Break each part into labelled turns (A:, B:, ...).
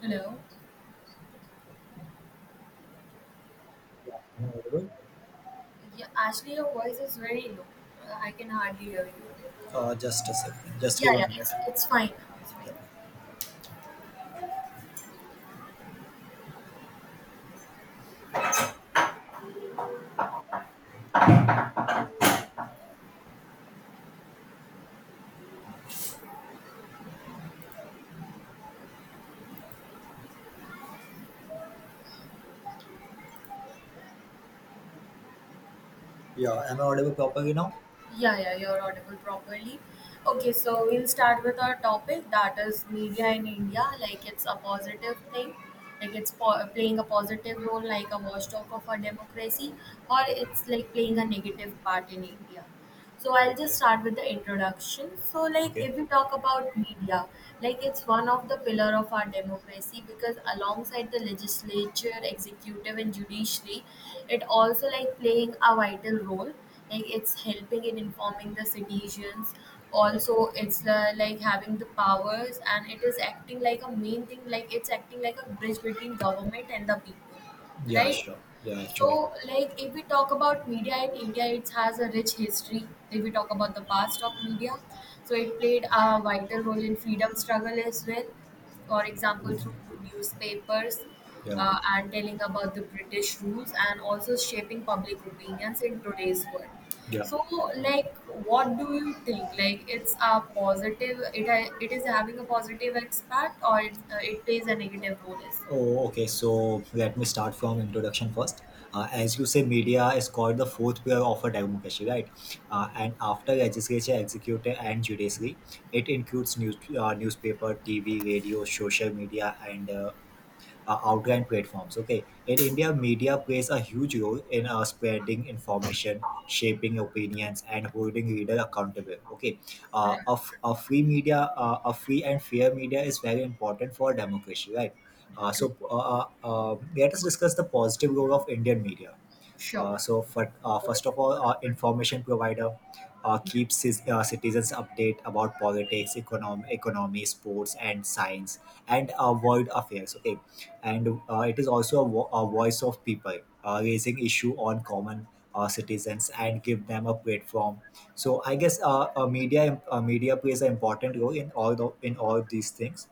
A: Hello.
B: Am I audible?
A: Yeah, actually, your voice is very low. I can hardly hear you.
B: Just a second. Just
A: Yeah,
B: give a
A: yeah,
B: minute.
A: it's fine now. It's fine.
B: Yeah. Yeah. Am I audible properly now?
A: Yeah, yeah, you're audible properly. Okay, so we'll start with our topic that is media in India. Like it's a positive thing, like playing a positive role, like a watchdog of our democracy, or it's like playing a negative part in India. So I'll just
B: Okay.
A: start with the introduction. So like
B: Okay.
A: if we talk about media, like it's one of the pillar of our democracy because alongside the legislature, executive and judiciary, it also like playing a vital role, like it's helping in informing the citizens,
B: Yeah.
A: also it's like having the powers and it is acting like a main thing, like it's acting like a bridge between government and the people,
B: Yeah.
A: right.
B: Sure. Yeah. Actually.
A: So, like, if we talk about media in India, it has a rich history. If we talk about the past of media, so it played a vital role in freedom struggle as well. For example, through newspapers,
B: Yeah.
A: and telling about the British rules and also shaping public opinions in today's world.
B: Yeah.
A: So, like, what do you think? Like, it's a positive. It is having a positive impact, or it plays a negative role as well.
B: Oh, okay. So let me start from introduction first. As you say, media is called the fourth pillar of a democracy, right? And after legislature, executive, and judiciary, it includes news, newspaper, TV, radio, social media, and outgoing platforms. Okay, in India, media plays a huge role in spreading information, shaping opinions, and holding reader accountable. Okay.
A: Right.
B: A free and fair media is very important for democracy, right? So, let us discuss the positive role of Indian media. Uh,
A: Sure.
B: so, for, uh, first of all, information provider keeps his citizens update about politics, economy, sports, and science, and world affairs. Okay. And it is also a voice of people raising issue on common citizens and give them a platform. So, I guess media plays an important role in in all these things,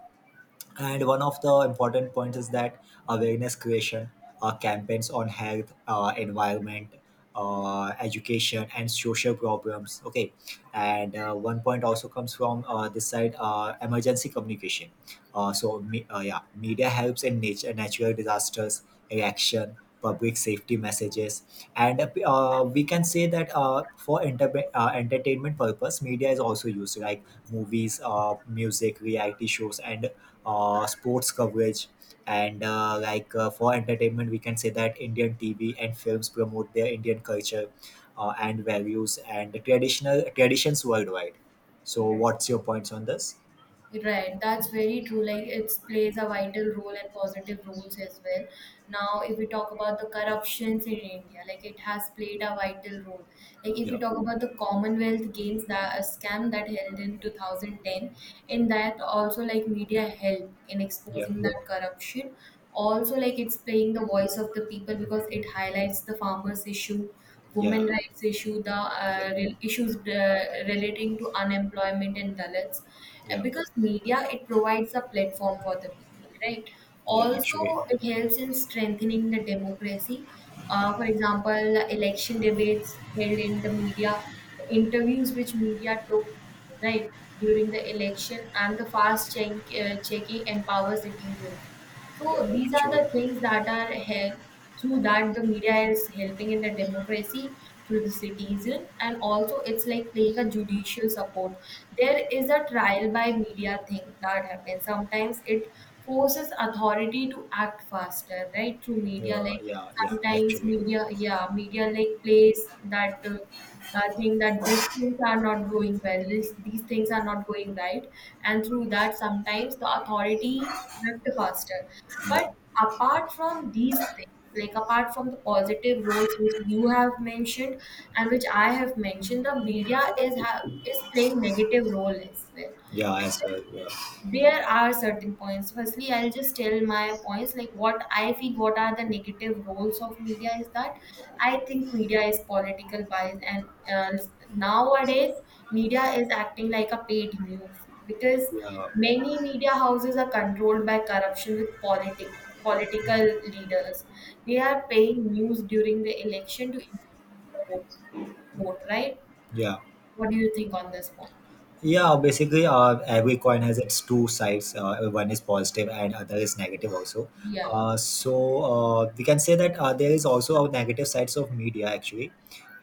B: and one of the important points is that awareness creation, campaigns on health, environment, education, and social problems. Okay. And one point also comes from this side: emergency communication. Yeah, media helps in nature natural disasters reaction, public safety messages. And we can say that for entertainment purpose, media is also used, like movies, music, reality shows, and sports coverage. And for entertainment, we can say that Indian TV and films promote their Indian culture and values and traditional traditions worldwide. So
A: Right.
B: what's your points on this?
A: Right, that's very true. Like it plays a vital role and positive roles as well. Now, if we talk about the corruptions in India, like it has played a vital role. Like if we
B: Yeah.
A: talk about the Commonwealth Games, that a scam that held in 2010, in that also like media help in
B: Yeah.
A: exposing that corruption. Also, like it's playing the voice of the people because it highlights the farmers' issue, women
B: Yeah.
A: rights issue, the
B: Yeah.
A: issues relating to unemployment and Dalits.
B: Yeah.
A: Because media, it provides a platform for the people, right?
B: Yeah,
A: Also,
B: actually.
A: it helps in strengthening the democracy. For example, election debates held in the media, the interviews which media took, right, during the election, and the fast check, checking empowers citizens.
B: Yeah,
A: So these are
B: actually.
A: the things that are help, through that the media is helping in the democracy through the citizen, and also it's like playing a judicial support. There is a trial by media thing that happens. Sometimes it forces authority to act faster, right? Through media,
B: Yeah.
A: like
B: Yeah. Yeah,
A: sometimes
B: actually.
A: media, yeah, media like plays that. Thing that these things are not going well, these things are not going right, and through that, sometimes the authority back to hostel. But
B: Yeah.
A: apart from these things, like apart from the positive roles which you have mentioned and which I have mentioned, the media is playing negative role as well.
B: Yeah, as well. Yeah.
A: There are certain points. So, firstly I'll just tell my points like what I feel, what are the negative roles of media, is that I think media is political bias, and nowadays media is acting like a paid news because
B: Yeah.
A: many media houses are controlled by corruption with political leaders. They are paying news during the election to influence the vote, right.
B: Yeah.
A: What do you think on this point?
B: Yeah, basically, every coin has its two sides. One is positive and other is negative also.
A: Yeah,
B: So, we can say that there is also a negative sides of media actually.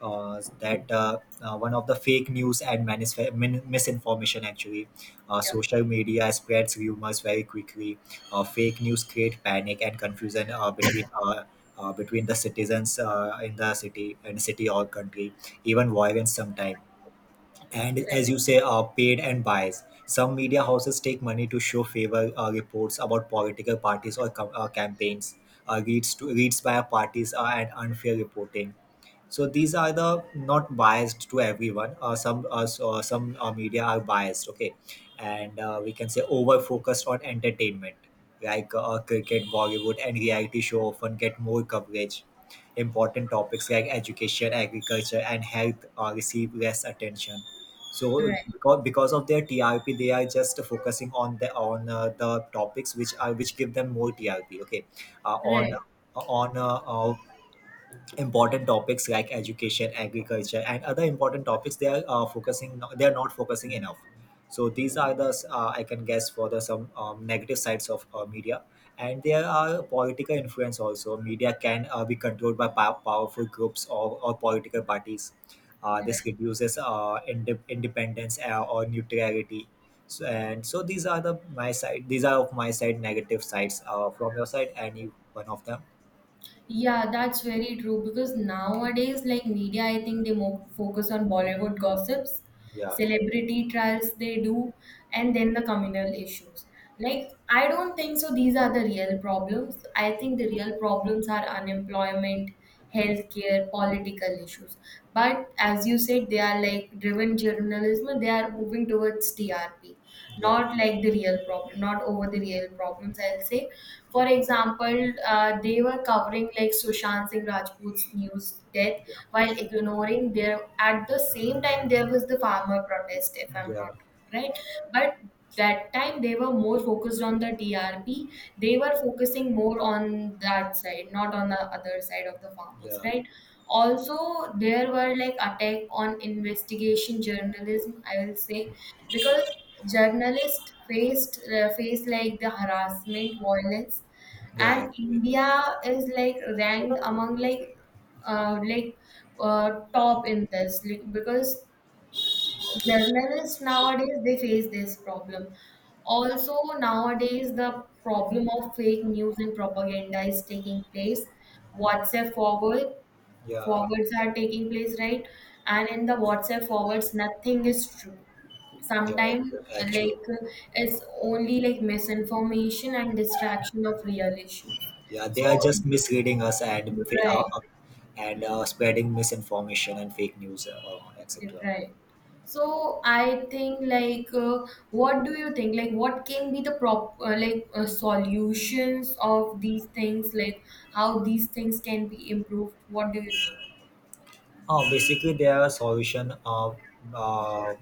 B: That One of the fake news and misinformation actually.
A: yeah,
B: Social media spreads rumors very quickly. Fake news create panic and confusion between the citizens in the city, and city or country, even violence sometimes. And as
A: right,
B: you say, paid and biased, some media houses take money to show favor reports about political parties or campaigns, reads to reads by parties, and unfair reporting. So these are the not biased to everyone. Some media are biased. Okay. And we can say over focused on entertainment, like cricket, Bollywood, and reality show often get more coverage. Important topics like education, agriculture, and health receive less attention. So
A: right.
B: because of their TRP, they are just focusing on the topics which give them more TRP. Okay. uh, on
A: Right.
B: on Important topics like education, agriculture, and other important topics, they are focusing they are not focusing enough. So these are the I can guess for the some negative sides of media. And there are political influence also. Media can be controlled by powerful groups or political parties. This
A: Right.
B: reduces independence or neutrality. So, and so these are the my side, these are of my side negative sides. From your side, any one of them?
A: Yeah, that's very true, because nowadays, like media, I think they more focus on Bollywood gossips,
B: Yeah.
A: celebrity trials they do, and then the communal issues. Like, I don't think so these are the real problems. I think the real problems are unemployment, healthcare, political issues. But as you said, they are like driven journalism, they are moving towards TRP,
B: Yeah.
A: not like the real problem, not over the real problems, I'll say. For example, they were covering like Sushant Singh Rajput's news death while ignoring their, at the same time, there was the farmer protest, if I'm
B: Yeah.
A: not right? But that time they were more focused on the TRP. They were focusing more on that side, not on the other side of the farmers,
B: Yeah,
A: right? Also, there were like attack on investigation journalism, I will say, because journalists faced like the harassment, violence,
B: yeah,
A: and
B: actually.
A: India is like ranked among like uh, like top in this like, because journalists nowadays they face this problem. Also, nowadays the problem of fake news and propaganda is taking place. WhatsApp
B: Yeah,
A: forwards are taking place, right, and in the WhatsApp forwards nothing is true
B: yeah,
A: sometimes,
B: actually.
A: like it's only like misinformation and distraction of real issues.
B: Yeah. They
A: So
B: are just misleading us and
A: right.
B: spreading misinformation and fake news, etc.
A: Right. So I think like, what do you think, like what can be the prop like solutions of these things, like how these things can be improved? What do you think?
B: Basically, there are solution of uh,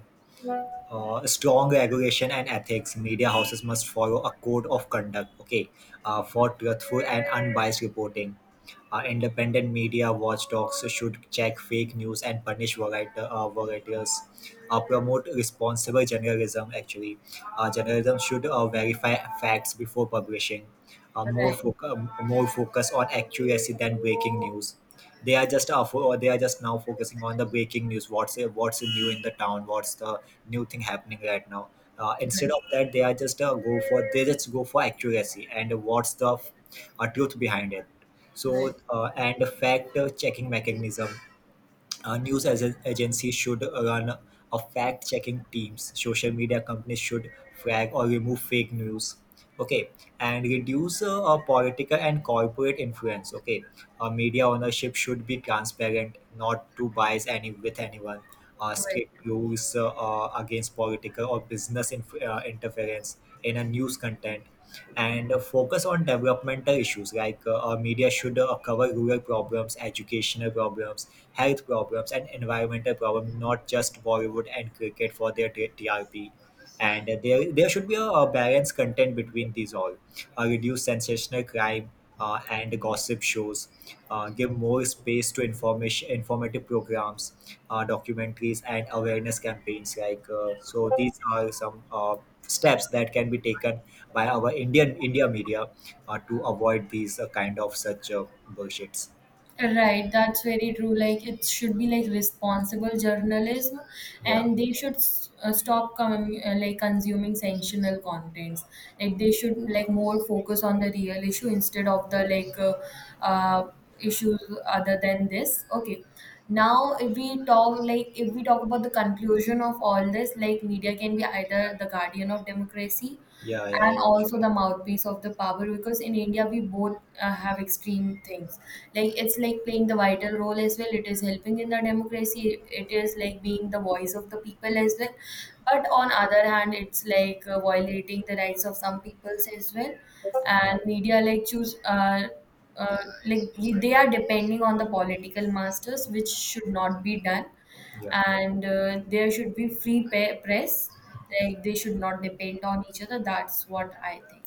B: strong regulation and ethics. Media houses must follow a code of conduct, okay, for truthful and unbiased reporting. Independent media watchdogs should check fake news and punish varietors. Promote responsible journalism, actually. Journalism should verify facts before publishing.
A: Right.
B: More focus on accuracy than breaking news. They are just now focusing on the breaking news. What's new in the town? What's the new thing happening right now? Instead of that, they are just go for they just go for accuracy and what's the truth behind it.
A: Right.
B: so,
A: Right.
B: uh, and a fact checking mechanism. News as agencies should run a fact checking teams. Social media companies should flag or remove fake news. Okay, and reduce political and corporate influence. Okay. Media ownership should be transparent, not to bias any with anyone.
A: Right.
B: Strict rules against political or business interference in a news content. And focus on developmental issues, like our media should cover rural problems, educational problems, health problems, and environmental problems, not just Bollywood and cricket for their TRP. And there should be a balanced content between these all. Reduce sensational crime and gossip shows. Give more space to information informative programs, documentaries, and awareness campaigns. So these are some steps that can be taken by our India media to avoid these kind of such bullshits.
A: Right, that's very true. Like it should be like responsible journalism,
B: Yeah,
A: and they should stop like consuming sensational contents. Like they should like more focus on the real issue instead of the uh, issues other than this. Okay, now if we talk like, if we talk about the conclusion of all this, like media can be either the guardian of democracy
B: yeah, yeah, yeah.
A: and
B: Sure.
A: also the mouthpiece of the power, because in India we both have extreme things, like it's like playing the vital role as well, it is helping in the democracy, it is like being the voice of the people as well, but on other hand it's like violating the rights of some peoples as well,
B: Yeah,
A: and media like choose like they are depending on the political masters, which should not be done,
B: yeah.
A: and there should be free press, like they should not depend on each other. That's what I think.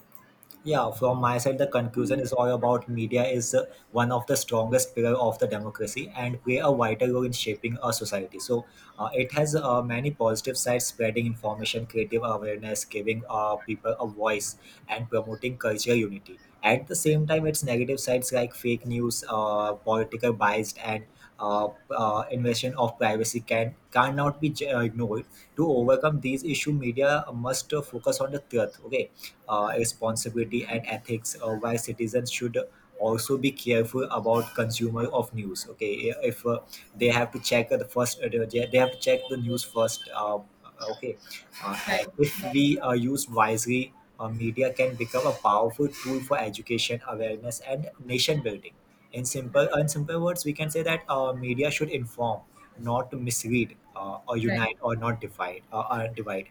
B: Yeah, from my side, the conclusion is all about media is one of the strongest pillar of the democracy and play a vital role in shaping our society. So it has many positive sides: spreading information, creative awareness, giving people a voice, and promoting cultural unity. At the same time, its negative sides like fake news, political bias, and invasion of privacy cannot be ignored. To overcome these issues, media must focus on the truth. Okay. Responsibility and ethics, why citizens should also be careful about consumer of news. Okay. If they have to check the first They have to check the news first. Okay.
A: Right,
B: And if
A: got
B: we use wisely, media can become a powerful tool for education, awareness, and nation building.
A: it.
B: In simple words, we can say that media should inform not mislead, or
A: Right,
B: unite or not divide or divide.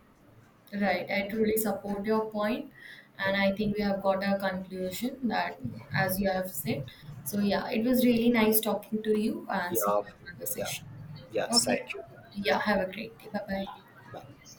A: right, I truly support your point,
B: Yeah.
A: and I think we have got a conclusion that, as you have said. So yeah, it was really nice talking to you, and see
B: Yeah,
A: you in another
B: yeah,
A: session.
B: yeah.
A: Okay,
B: Thank you.
A: yeah, have a great day, bye bye.
B: Bye.